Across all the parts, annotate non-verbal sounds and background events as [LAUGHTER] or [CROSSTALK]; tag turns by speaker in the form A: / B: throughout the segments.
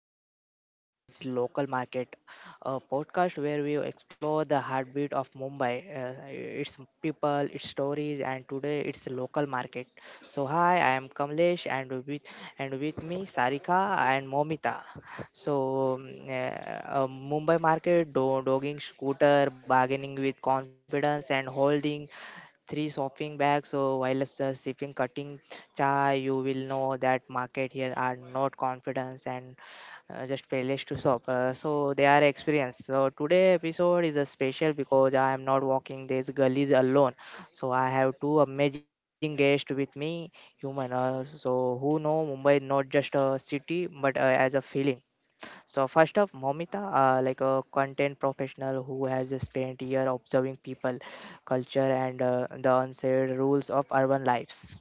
A: to Discovering Mumbai's Local Market, a podcast where we explore the heartbeat of Mumbai, its people, its stories, and today its local market. So hi, I am Kamlesh, and with me Sarika and Momita. So Mumbai market, dogging scooter, bargaining with confidence, and holding three shopping bags so while sipping cutting, yeah, you will know that market here are not confidence and just failures to shop. So they are experienced. So today episode is a special because I am not walking these gullies alone. So I have two amazing guests with me, human. So who know Mumbai not just a city but as a feeling. So first up, Momita, like a content professional who has spent year observing people, culture, and the unsaid rules of urban lives.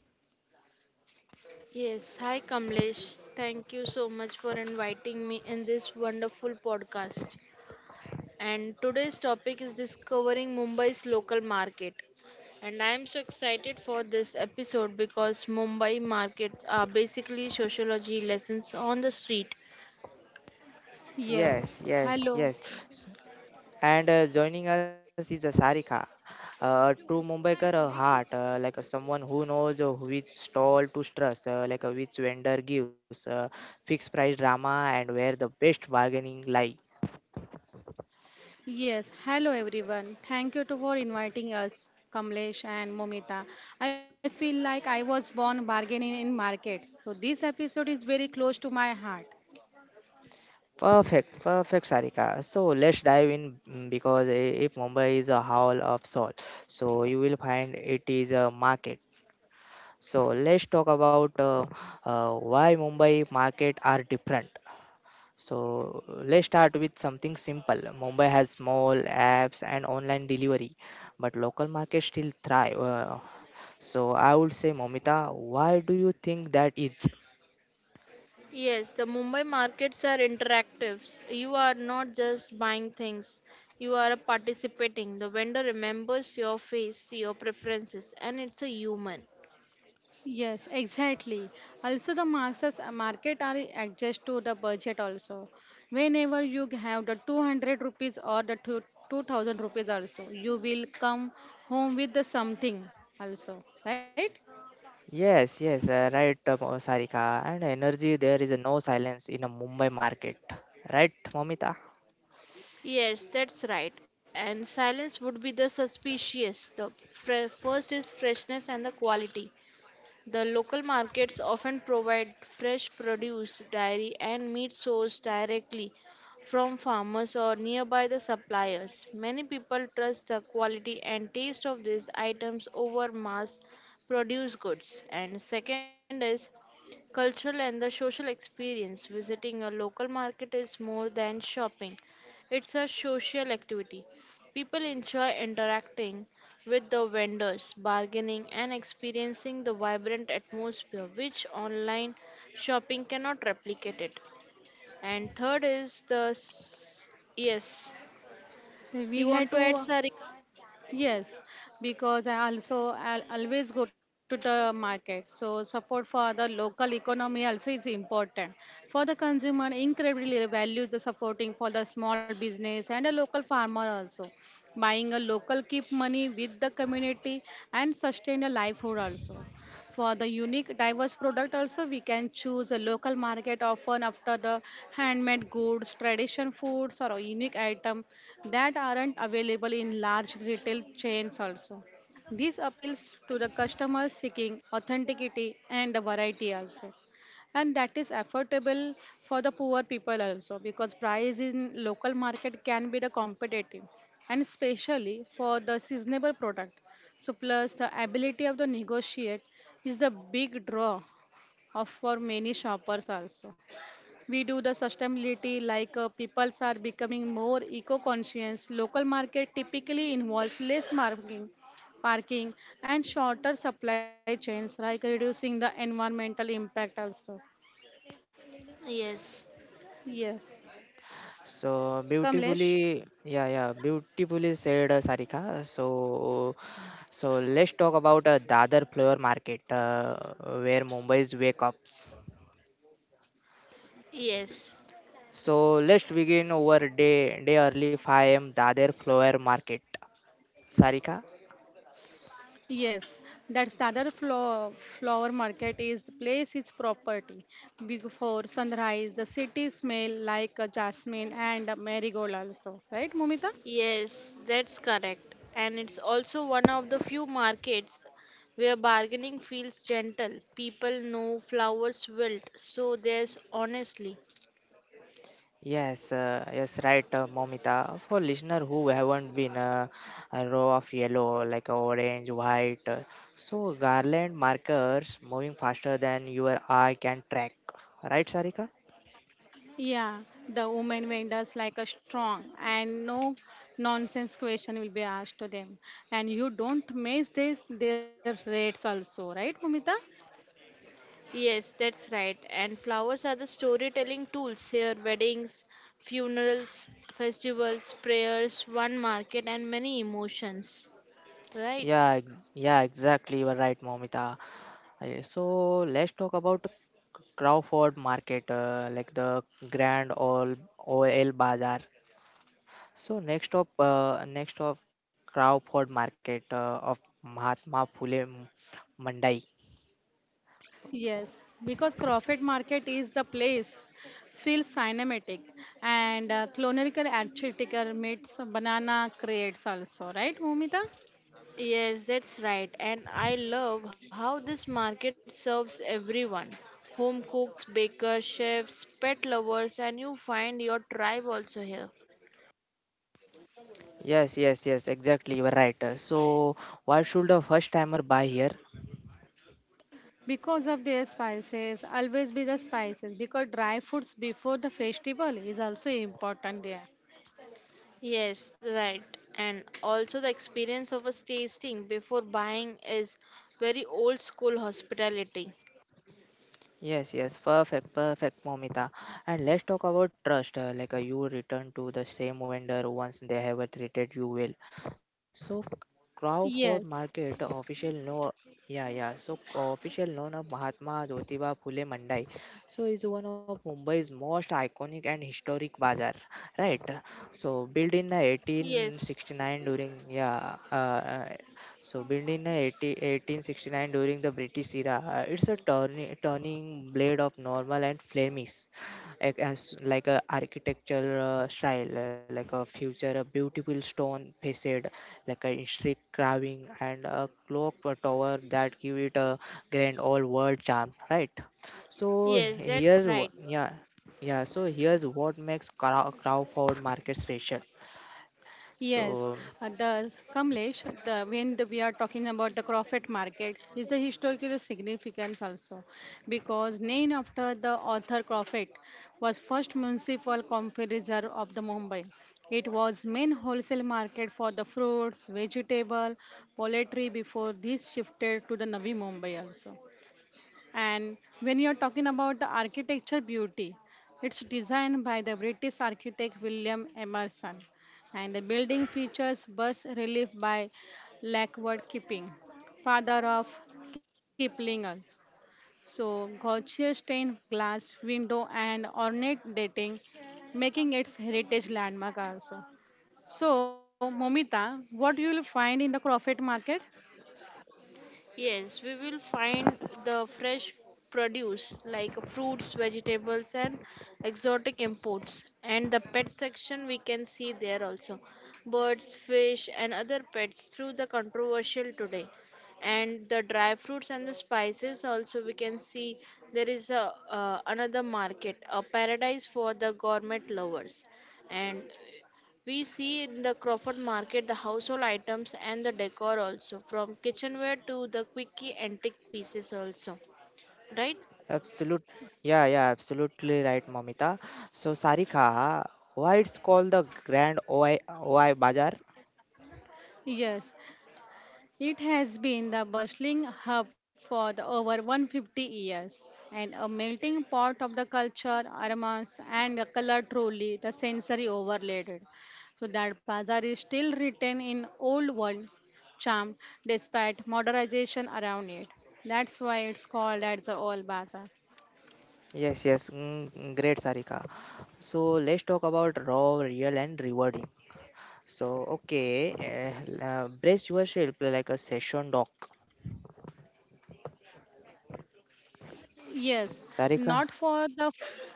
B: Yes, hi Kamlesh. Thank you so much for inviting me in this wonderful podcast. And today's topic is discovering Mumbai's local market. And I am so excited for this episode because Mumbai markets are basically sociology lessons on the street.
A: Yes,
C: Yes.
A: yes, yes.
C: Hello.
A: S- And joining us is a Sarika, a true Mumbaikar a heart, like a someone who knows which stall to trust, which vendor gives fixed price drama and where the best bargaining lie.
C: Yes. Hello, everyone. Thank you to for inviting us, Kamlesh and Momita. I feel like I was born bargaining in markets. So this episode is very close to my heart.
A: Perfect, perfect, Sarika. So let's dive in, mm, because if Mumbai is a hall of soul, so you will find it is a market. So let's talk about why Mumbai market are different. So let's start with something simple. Mumbai has small apps and online delivery, but local markets still thrive. So I would say, Momita, why do you think that is?
B: Yes, the Mumbai markets are interactives. You are not just buying things, you are participating. The vendor remembers your face, your preferences, and it's a human.
C: Yes, exactly. Also, the masses market are adjust to the budget also. Whenever you have the 200 rupees or the two, 2000 rupees also, you will come home with the something also, right?
A: Yes, yes, right, Sarika. And energy, there is no silence in a Mumbai market, right, Momita?
B: Yes, that's right. And silence would be the suspicious. The first is freshness and the quality. The local markets often provide fresh produce, dairy, and meat sourced directly from farmers or nearby the suppliers. Many people trust the quality and taste of these items over mass produced goods. And second is cultural and the social experience. Visiting a local market is more than shopping, it's a social activity. People enjoy interacting with the vendors, bargaining, and experiencing the vibrant atmosphere which online shopping cannot replicate it. And third is the yes. You
C: We had
B: want to add,
C: to
B: Sari?
C: yes, because I always go to the market. So support for the local economy also is important. For the consumer, incredibly values the supporting for the small business and a local farmer also. Buying a local keep money with the community and sustain a livelihood also for the unique diverse product also we can choose a local market often after the handmade goods tradition foods or a unique item that aren't available in large retail chains also. This appeals to the customers seeking authenticity and the variety also, and that is affordable for the poor people also because price in local market can be the competitive and especially for the seasonable product. So plus the ability of the negotiate is the big draw of for many shoppers also. We do the sustainability like people are becoming more eco-conscious. Local market typically involves less marking, parking and shorter supply chains like reducing the environmental impact also.
B: Yes.
C: Yes.
A: So
C: Kamlesh.
A: beautifully, yeah, yeah, beautifully said, Sarika. So. So let's talk about Dadar flower market, where Mumbai's wake up.
B: Yes.
A: So let's begin our day early 5 a.m. Dader Flower Market. Sarika?
C: Yes, that's the flower market is the place is property. Before sunrise, the city smell like a jasmine and a marigold also, right, Mumita?
B: Yes, that's correct. And it's also one of the few markets where bargaining feels gentle. People know flowers wilt, so there's honestly.
A: Yes, yes, right, Momita. For listener who haven't been, a row of yellow, like orange, white, so garland markers moving faster than your eye can track. Right, Sarika?
C: Yeah, the women vendors like a strong and no nonsense question will be asked to them, and you don't miss this their rates also, right, Mumita?
B: Yes, that's right. And flowers are the storytelling tools here, weddings, funerals, festivals, prayers, one market, and many emotions. Right?
A: Yeah, exactly. You are right, Momita. So let's talk about Crawford Market, like the Grand Old OL Bazaar. So next up, next of Crawford Market of Mahatma Phule Mandai.
C: Yes, because Crawford Market is the place feels cinematic and clonical architecture meets banana creates also, right, Bhumita?
B: Yes, that's right. And I love how this market serves everyone, home cooks, bakers, chefs, pet lovers, and you find your tribe also here.
A: Yes, yes, yes, exactly. You are right. So why should a first timer buy here?
C: Because of their spices, always be the spices because dry foods before the festival is also important there.
B: Yes, right. And also, the experience of a tasting before buying is very old school hospitality.
A: Yes, yes, perfect, perfect, Momita. And let's talk about trust. You return to the same vendor once they have treated you well. So, Crawford
C: Yes,
A: Market official no, yeah, yeah. So official known of Mahatma Jyotiba Phule Mandai. So is one of Mumbai's most iconic and historic bazaar, right? So built in
B: Yes,
A: 1869 during, yeah, so built in 80 1869 during the British era, it's a turning blade of normal and Flemish, like as like a architectural style, like a future a beautiful stone facade, like a intricate carving and a clock tower that give it a grand all world charm, right? So
B: yes, that's
A: here's wh-
B: right.
A: yeah yeah so here's what makes Crawford Market special.
C: yes,
A: So
C: does Kamlesh, the when the, we are talking about the Crawford market, is the historical significance also because named after the author Crawford was first municipal confisor of the Mumbai. It was main wholesale market for the fruits, vegetable, poultry before this shifted to the Navi Mumbai also. And when you're talking about the architecture beauty, it's designed by the British architect William Emerson. And the building features bas relief by Lockwood Kipping, father of Kiplingers. So, Gautier stained glass window and ornate dating, making its heritage landmark also. So, Momita, what you will find in the Crawford market?
B: Yes, we will find the fresh produce like fruits, vegetables, and exotic imports. And the pet section we can see there also, birds, fish, and other pets through the controversial today. And the dry fruits and the spices also we can see, there is a another market, a paradise for the gourmet lovers. And we see in the Crawford market the household items and the decor also, from kitchenware to the quickie antique pieces also, right?
A: absolute, yeah, yeah, absolutely right, Momita. So, Sarika, why it's called the Grand OI Bazaar?
C: Yes, it has been the bustling hub for the over 150 years and a melting pot of the culture, aromas, and the color truly the sensory overloaded. So that bazaar is still written in old world charm despite modernization around it. That's why it's called as the old bazaar.
A: Yes, yes, mm, mm, great, Sarika. So, let's talk about raw, real, and rewarding. So, okay, brace yourself like a session doc.
C: Yes,
A: Sarika,
C: not for the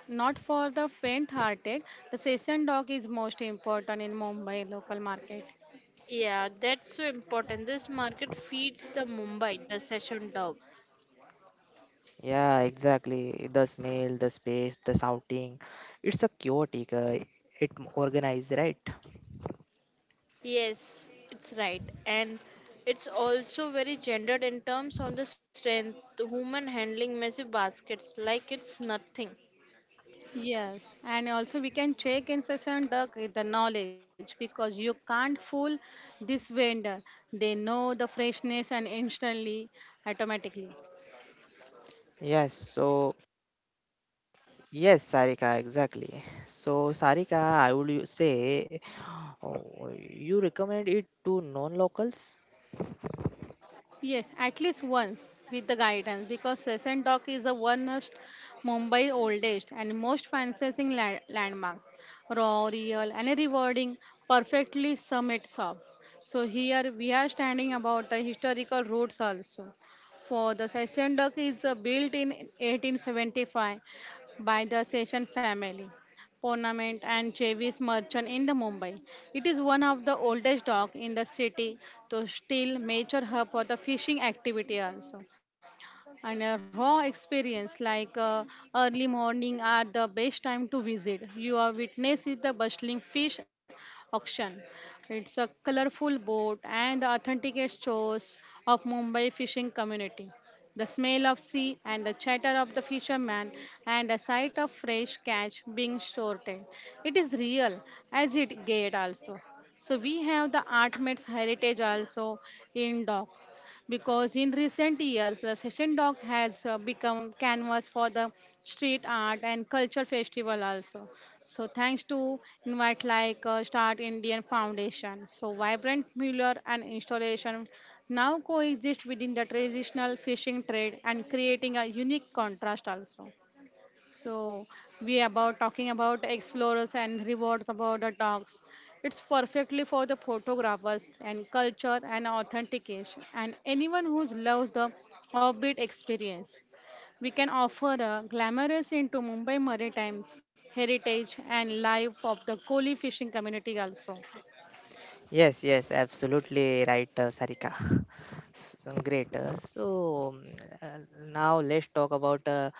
C: not for the faint-hearted. The session dog is most important in Mumbai local market.
B: Yeah, that's so important. This market feeds the Mumbai, the session dog.
A: yeah, exactly. The smell, the space, the shouting. It's a chaotic, it organized, right?
B: Yes, it's right. And it's also very gendered in terms of the strength. The woman handling massive baskets like it's nothing.
C: Yes, and also we can check in session the knowledge because you can't fool this vendor. They know the freshness and instantly, automatically.
A: Yes, so yes, Sarika, exactly. So, Sarika, I would you say, oh, you recommend it to non locals?
C: Yes, at least once with the guidance because Session Dock is the one most Mumbai oldest and most fantasizing landmark. Raw, real, and rewarding, perfectly summits up. So here we are standing about the historical roots also. For the Session Dock is built in 1875 by the Session family Ponament and Chevis merchant in the Mumbai. It is one of the oldest dock in the city to still major hub for the fishing activity also. And a raw experience like early morning are the best time to visit. You are witness is the bustling fish auction. It's a colorful boat and the authentic shows of Mumbai fishing community, the smell of sea and the chatter of the fishermen and a sight of fresh catch being sorted. It is real as it get also. So we have the art meets heritage also in dock because in recent years the session dog has become canvas for the street art and culture festival also. So thanks to invite like start Indian foundation, so vibrant mural and installation now coexist within the traditional fishing trade and creating a unique contrast also. So we about talking about explorers and rewards about the dogs. It's perfectly for the photographers and culture and authentication and anyone who loves the offbeat experience. We can offer a glamorous into Mumbai Maritimes heritage and life of the Koli fishing community also.
A: Yes, yes, absolutely right, Sarika. [LAUGHS] So, great. So, now let's talk about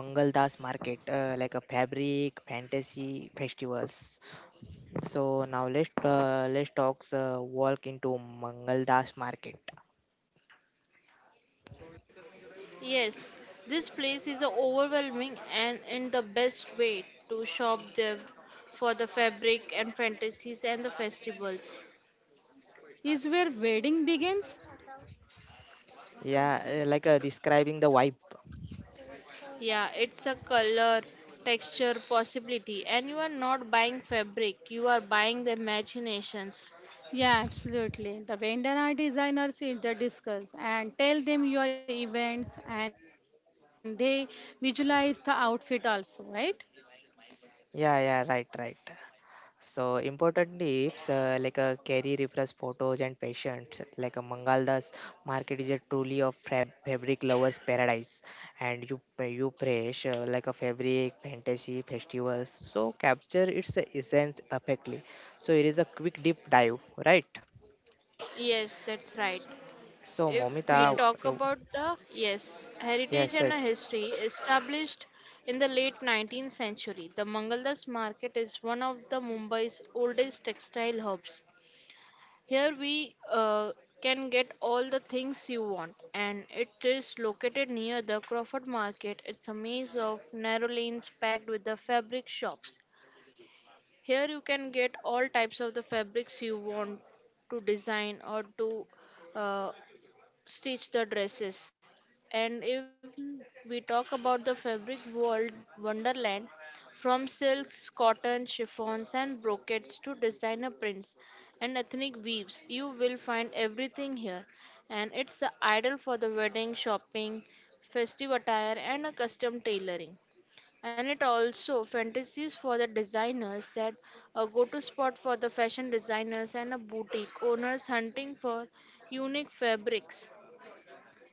A: Mangal Das Market, like a fabric fantasy festivals. So, now let's talk walk into Mangal Das Market.
B: Yes, this place is overwhelming and in the best way to shop there for the fabric and fantasies and the festivals.
C: Is where wedding begins.
A: Yeah, describing the vibe.
B: Yeah, it's a color, texture, possibility, and you are not buying fabric, you are buying the imaginations.
C: Yeah, absolutely. The bandana designers is the discuss and tell them your events and they visualize the outfit also, right?
A: Yeah, yeah, right, right. So important tips like a carry reference photos and patients like a Mangaldas market is a truly a fabric lovers paradise and you fresh, like a fabric fantasy festivals, so capture its essence perfectly, so it is a quick deep dive, right?
B: Yes, that's right.
A: S- so
B: If we
C: Yes.
A: Momita,
B: talk
A: you-
B: about the, yes, heritage
A: yes,
B: and a
A: yes.
B: history established in the late 19th century, the Mangaldas market is one of the Mumbai's oldest textile hubs. Here we can get all the things you want, and it is located near the Crawford Market. It's a maze of narrow lanes packed with the fabric shops. Here you can get all types of the fabrics you want to design or to uh, stitch the dresses. And if we talk about the fabric world wonderland, from silks, cotton, chiffons, and brocades to designer prints and ethnic weaves, you will find everything here. And it's a ideal for the wedding, shopping, festive attire, and a custom tailoring. And it also fantasies for the designers that a go-to spot for the fashion designers and a boutique owners hunting for unique fabrics,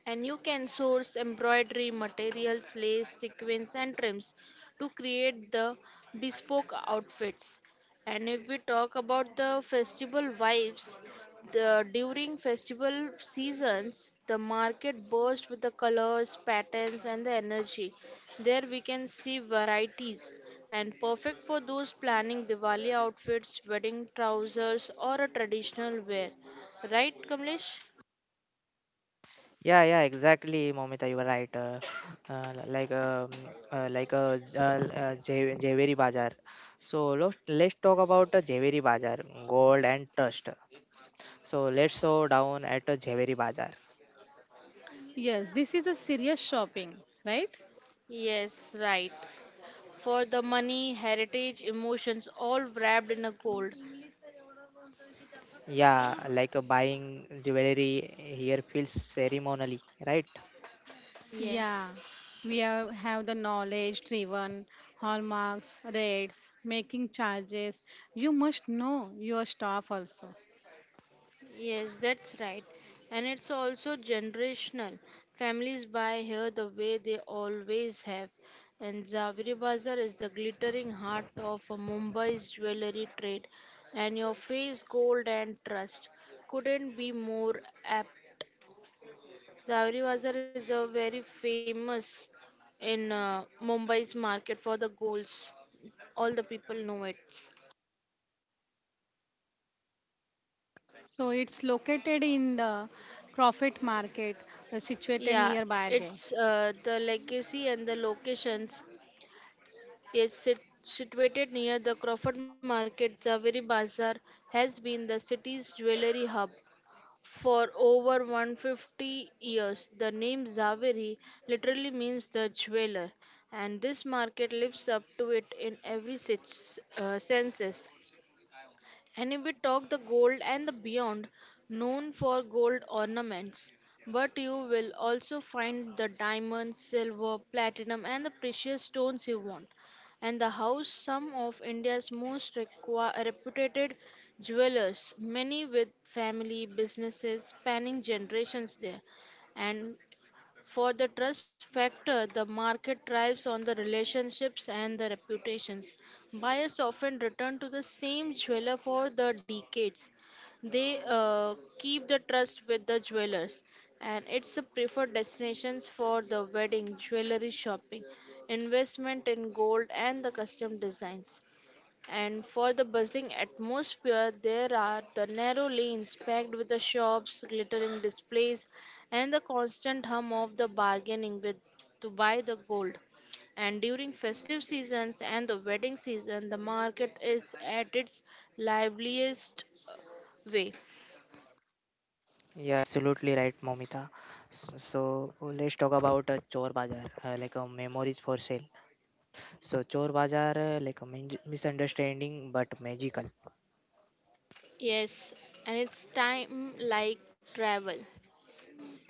B: and you can source embroidery materials, lace, sequins, and trims to create the bespoke outfits. And if we talk about the festival vibes, the during festival seasons, the market bursts with the colors, patterns, and the energy. There we can see varieties, and perfect for those planning Diwali outfits, wedding trousers, or a traditional wear. Right, Kamlesh?
A: Yeah, yeah, exactly, Momita, you were right. Li- like J- Jhe- Jhaveri Bazaar. So let's talk about the Jhaveri Bazaar, gold and trust. So let's slow down at the Jhaveri Bazaar.
C: Yes, this is a serious shopping, right?
B: Yes, right. For the money, heritage, emotions, all wrapped in a gold.
A: Yeah, buying jewelry here feels ceremonially, right?
C: Yeah.
B: Yes,
C: We have the knowledge driven, hallmarks, rates, making charges. You must know your staff also.
B: yes, that's right. And it's also generational. Families buy here the way they always have. And Zaveri Bazar is the glittering heart of a Mumbai's jewellery trade. And your face, gold, and trust couldn't be more apt. Zaveri Bazar is a very famous in Mumbai's market for the golds. All the people know it.
C: So it's located in the profit market situated
B: Yeah,
C: nearby there.
B: it's the legacy and the locations. Yes, situated near the Crawford Market, Zaveri Bazaar has been the city's jewelry hub for over 150 years. The name Zaveri literally means the jeweler, and this market lives up to it in every senses. And if we talk the gold and the beyond, known for gold ornaments, but you will also find the diamonds, silver, platinum, and the precious stones you want. And the house, some of India's most reputed jewelers, many with family businesses spanning generations there. And for the trust factor, the market thrives on the relationships and the reputations. Buyers often return to the same jeweler for the decades. They keep the trust with the jewelers, and it's a preferred destinations for the wedding, jewelry shopping, investment in gold, and the custom designs. And for the buzzing atmosphere, there are the narrow lanes packed with the shops, glittering displays, and the constant hum of the bargaining with to buy the gold. And during festive seasons and the wedding season, the market is at its liveliest way.
A: Yeah, yeah, absolutely right, Momita. So let's talk about Chor Bazaar, like a memories for sale. So Chor Bazaar, misunderstanding but magical.
B: Yes, and it's time like travel.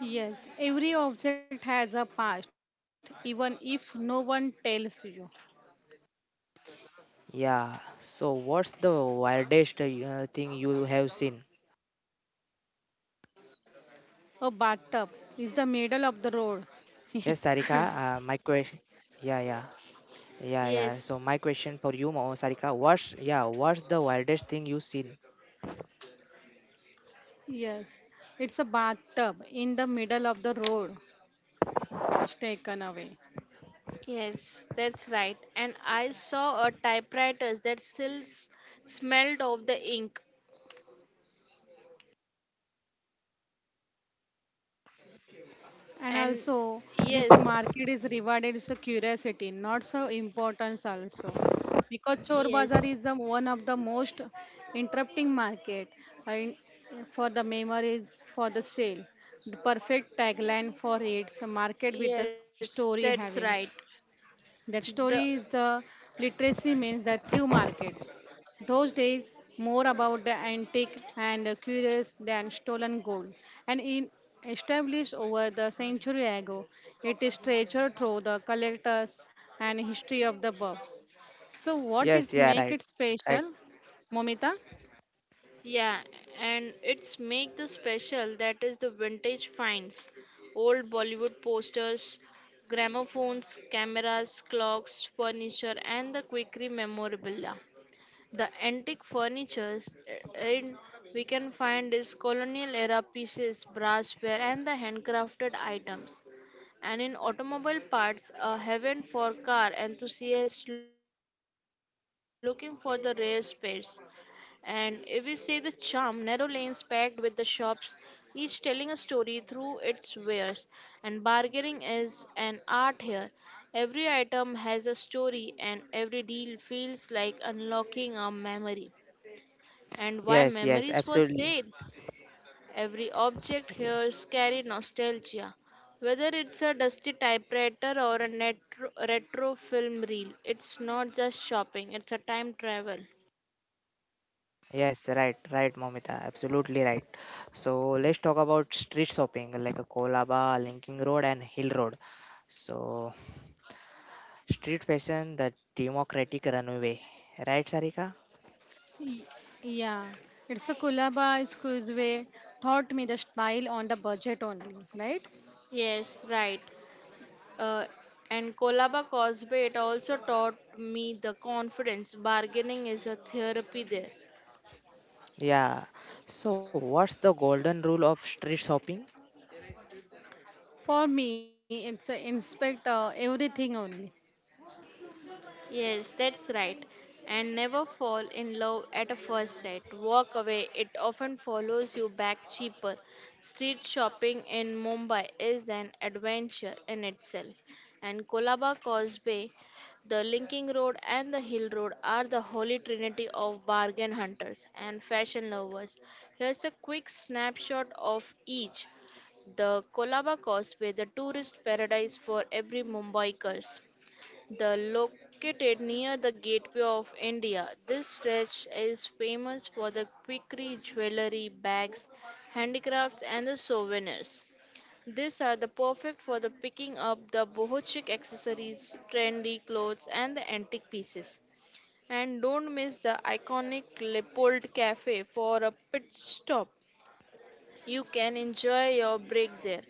C: Yes, every object has a past, even if no one tells you.
A: Yeah. So, what's the weirdest thing you have seen?
C: A bathtub is the
A: Yes,
C: middle of the
A: Sarika.
C: road.
A: My question.
C: [LAUGHS]
A: Yeah, yeah, yeah, yeah. So, my question for you,
B: Yes.
A: Sarika. What's yeah? What's the weirdest thing you seen?
C: Yes, it's a bathtub in the middle of the road. It's taken away.
B: Yes, that's right. And I saw a typewriter that still smelled of the ink.
C: And
B: And
C: also, this
B: yes,
C: market is rewarded so curiosity, not so importance also. Because Chor Bazaar
B: yes,
C: is the one of the most interrupting market and for the memories, for the sale. The perfect tagline for its market with the
B: yes,
C: story
B: that's
C: having.
B: right.
C: That
B: The
C: story is the literacy means that few markets. Those days more about the antique and the curious than stolen gold. And in established over the century ago, it is treasured through the collectors and history of the buffs. So what
A: Yes.
C: is
A: Yeah.
C: make
A: Right.
C: it
A: Right.
C: special, Momita?
B: Yeah, and it's make the special that is the vintage finds, old Bollywood posters, gramophones, cameras, clocks, furniture, and the quickly memorabilia. The antique furnitures in we can find is colonial era pieces, brassware, and the handcrafted items. And in automobile parts, a heaven for car enthusiasts looking for the rare spares. And if we see the charm, narrow lanes packed with the shops, each telling a story through its wares. And bargaining is an art here. Every item has a story, and every deal feels like unlocking a memory, and why
A: Yes.
B: memories
A: Yes.
B: for sale.
A: Absolutely.
B: Every object here
A: Yeah.
B: carry nostalgia, whether it's a dusty typewriter or a retro film reel. It's not just shopping; it's a time travel.
A: Yes. Right. Right, Momita. Absolutely right. So, let's talk about street shopping, like a Kolaba, Linking Road, and Hill Road. So, street fashion, the democratic runway. Right, Sarika?
C: Y- Yeah, it's a Kulaba squeeze way taught me the style on the budget only, right?
B: Yes, right. Uh, and Kolaba Causeway, it also taught me the confidence. Bargaining is a therapy there.
A: Yeah. So, what's the golden rule of street shopping?
C: For me, it's a inspect everything only.
B: Yes, that's right. And never fall in love at a first sight. Walk away, it often follows you back cheaper. Street shopping in Mumbai is an adventure in itself. And Kolaba Causeway, the Linking Road, and the Hill Road are the holy trinity of bargain hunters and fashion lovers. Here's a quick snapshot of each. The Kolaba Causeway, the tourist paradise for every Mumbai curse. The located near the gateway of India, this stretch is famous for the quickly jewelry, bags, handicrafts and the souvenirs. These are the perfect for the picking up the boho chic accessories, trendy clothes and the antique pieces. And don't miss the iconic Leopold Cafe for a pit stop. You can enjoy your break there.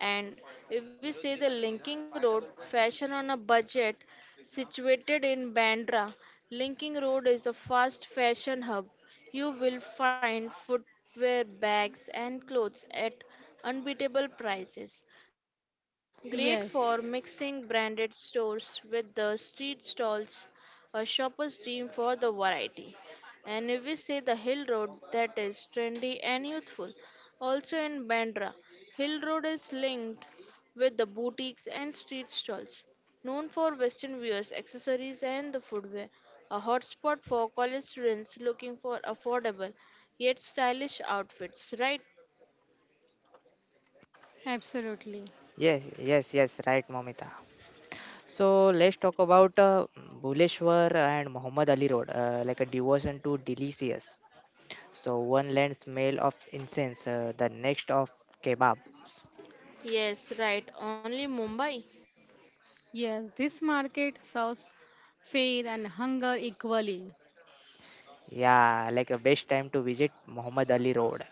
B: And if we say the Linking Road, fashion on a budget, situated in Bandra, Linking Road is a fast fashion hub. You will find footwear, bags, and clothes at unbeatable prices.
C: Yes,
B: Great for mixing branded stores with the street stalls, a shopper's dream for the variety. And if we say the hill road, that is trendy and youthful. Also in Bandra, hill road is linked with the boutiques and street stalls, known for western wears, accessories, and the footwear. A hotspot for college students looking for affordable yet stylish outfits, right?
C: absolutely.
A: Yes, yes, yes, right, Momita. So, let's talk about Buleshwar and Muhammad Ali Road, like a devotion to delicious. So, one land smell of incense, the next of kebab.
B: Yes, right. Only Mumbai.
C: Yes, this market serves fair and hunger equally.
A: Yeah, like a best time to visit Muhammad Ali Road.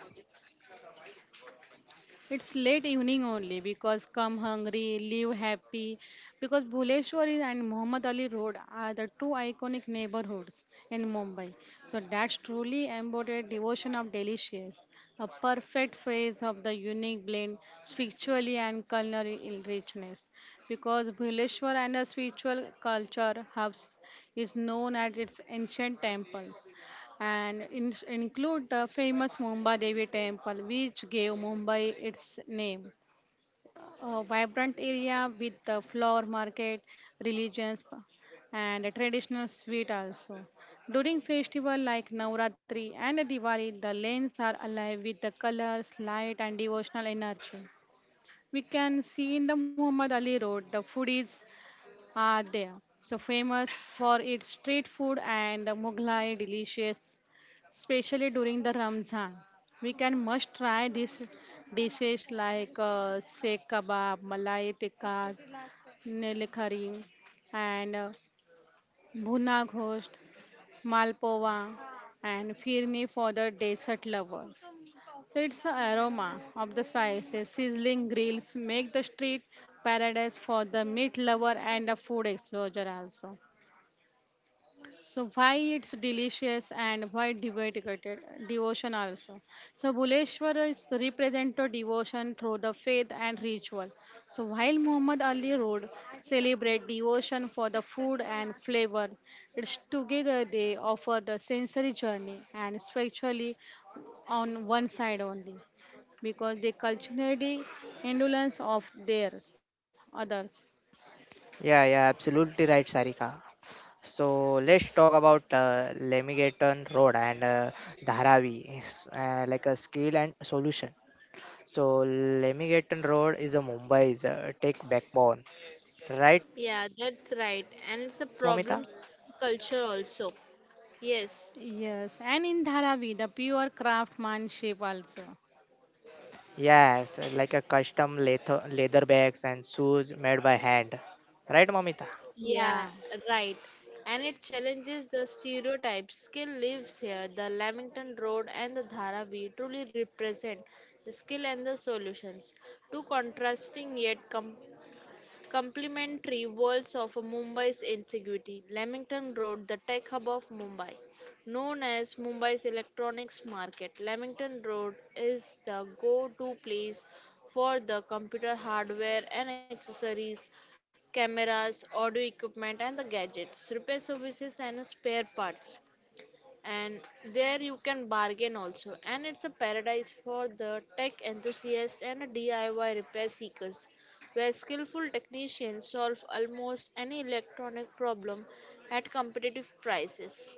C: It's late evening only because come hungry, leave happy. Because Bhuleshwari and Muhammad Ali Road are the two iconic neighborhoods in Mumbai. So that's truly embodied devotion of delicious, a perfect phrase of the unique blend spiritually and culinary richness. Because Bhuleshwar and the spiritual culture hubs is known at its ancient temples and in, include the famous Mumbai Devi Temple, which gave Mumbai its name. A vibrant area with the flower market, religions, and a traditional sweet also. During festival like Navratri and Diwali, the lanes are alive with the colors, light, and devotional energy. We can see in the Muhammad Ali Road the foodies are there. So famous for its street food and Mughlai delicious, especially during the Ramzan. We can must try these dishes like seek kebab, malai tikka, nilkhari, and bhuna ghost, malpova, and firni for the dessert lovers. So it's aroma of the spices, sizzling grills make the street paradise for the meat lover and a food explorer also. So why it's delicious and why devoted devotion also. So Buleshwar is represent to devotion through the faith and ritual. So while Muhammad Ali Road celebrate devotion for the food and flavor, it's together they offer the sensory journey and spiritually on one side only because they culturally indolence of theirs others.
A: Yeah, yeah, absolutely right, Sarika. So let's talk about Lamigaton Road and Dharavi, like a skill and solution. So Lemington Road is a Mumbai's tech backbone, right,
B: Yeah,
A: Momita?
B: that's right. And it's a problem culture also. Yes.
C: Yes, and in Dharavi the pure craftsmanship also.
A: Yes, like a custom leather bags and shoes made by hand, right, Momita?
B: Yeah,
C: Yeah,
B: right. And it challenges the stereotypes. Skill lives here. The Lamington Road and the Dharavi truly represent the skill and the solutions. Two contrasting yet complementary worlds of Mumbai's integrity. Lamington Road, the tech hub of Mumbai. Known as Mumbai's electronics market, Lamington Road is the go to place for the computer hardware and accessories, cameras, audio equipment, and the gadgets, repair services, and spare parts, and there you can bargain also, and it's a paradise for the tech enthusiast and DIY repair seekers, where skillful technicians solve almost any electronic problem at competitive prices.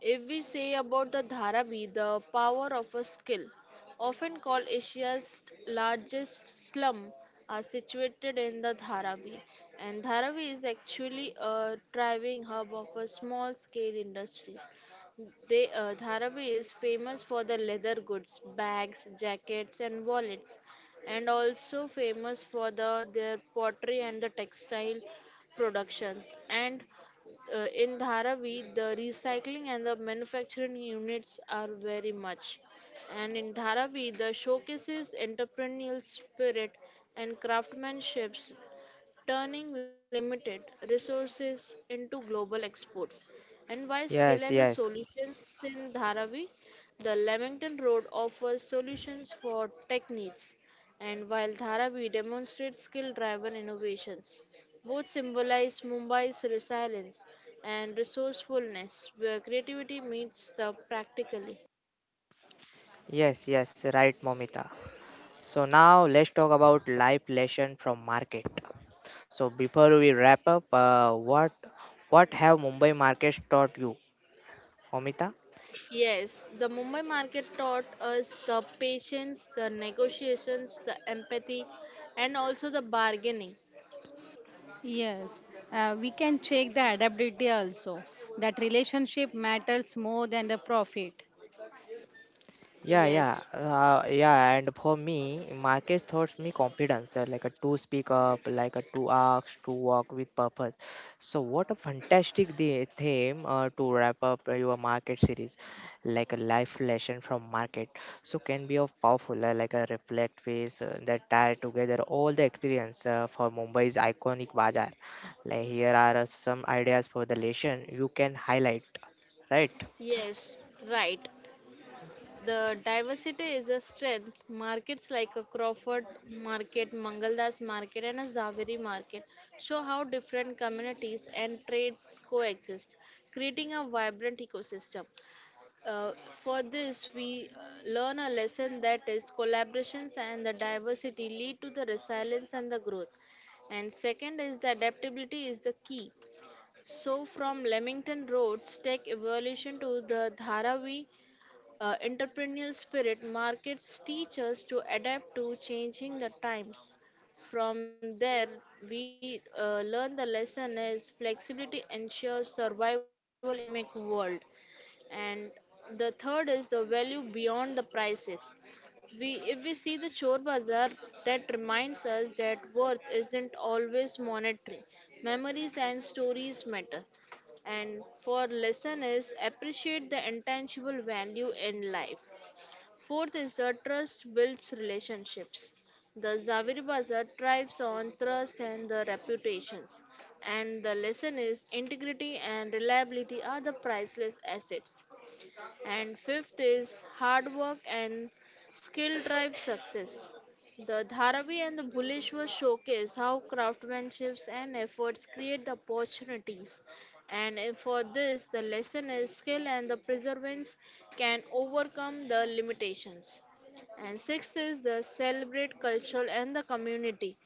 B: If we say about the dharavi, the power of a skill, often called Asia's largest slum, are situated in the Dharavi. And Dharavi is actually a thriving hub of a small scale industries. Dharavi is famous for the leather goods, bags, jackets, and wallets, and also famous for the their pottery and the textile productions. And in Dharavi, the recycling and the manufacturing units are very much. And in Dharavi, the showcases entrepreneurial spirit and craftsmanship turning limited resources into global exports. And by skill and the
A: Yes, yes,
B: solutions in Dharavi, the Leamington Road offers solutions for tech needs, and while Dharavi demonstrates skill driven innovations. Both symbolize Mumbai's resilience and resourcefulness, where creativity meets the practically.
A: yes, yes, right, Momita. So now let's talk about life lesson from market. So before we wrap up, what have Mumbai markets taught you, Momita?
B: Yes, the Mumbai market taught us the patience, the negotiations, the empathy, and also the bargaining.
C: yes. We can check the adaptability also. That relationship matters more than the profit.
A: Yeah, yeah,
B: Yes,
A: yeah. And for me, market taught me confidence, like a to speak up, like a to ask, to walk with purpose. So what a fantastic the theme to wrap up your market series, like a life lesson from market. So can be of powerful, like a reflect piece that tie together all the experience for Mumbai's iconic bazaar. Like here are some ideas for the lesson you can highlight, right?
B: yes, right. The diversity is a strength. Markets like a Crawford market, Mangaldas market, and a Zaveri market show how different communities and trades coexist, creating a vibrant ecosystem. Uh, for this, we learn a lesson that is collaborations and the diversity lead to the resilience and the growth. And second is the adaptability is the key. So from Leamington Road's tech evolution to the Dharavi entrepreneurial spirit, markets teach us to adapt to changing the times. From there, we learn the lesson is flexibility ensures survival in a dynamic world. And the third is the value beyond the prices. We, if we see the chore bazaar, that reminds us that worth isn't always monetary, memories and stories matter, and for lesson is appreciate the intangible value in life. Fourth is the trust builds relationships. The Zaviri Bazaar thrives on trust and the reputations. And the lesson is integrity and reliability are the priceless assets. And fifth is hard work and skill drive success. The Dharavi and the Bhuleshwar showcase how craftsmanships and efforts create the opportunities. And if for this, the lesson is skill and the perseverance can overcome the limitations. And sixth is the celebrate culture and the community.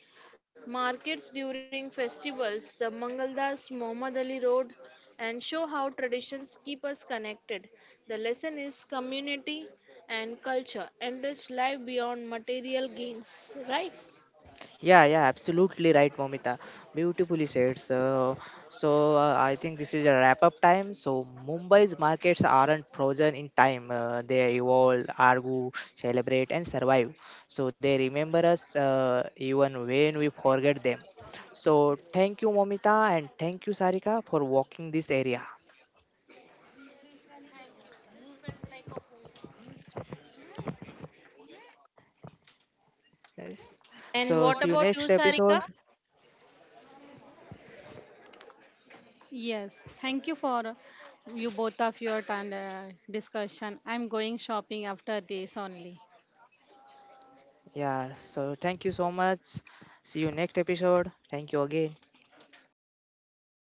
B: Markets during festivals, the Mangaldas, Mohammad Ali Road, and show how traditions keep us connected. The lesson is community and culture enrich life beyond material gains, right?
A: Yeah, yeah, absolutely right, Momita. Beautifully said. So, so I think this is a wrap up time. So, Mumbai's markets aren't frozen in time. They evolve, argue, celebrate, and survive. So, they remember us even when we forget them. So, thank you, Momita, and thank you, Sarika, for walking this area. Yes. So, see you
B: And
A: next
B: what about you,
A: episode.
B: Sarika?
C: Yes. Thank you for you both of your time, discussion. I'm going shopping after this only.
A: Yeah, so thank you so much. See you next episode. Thank you again.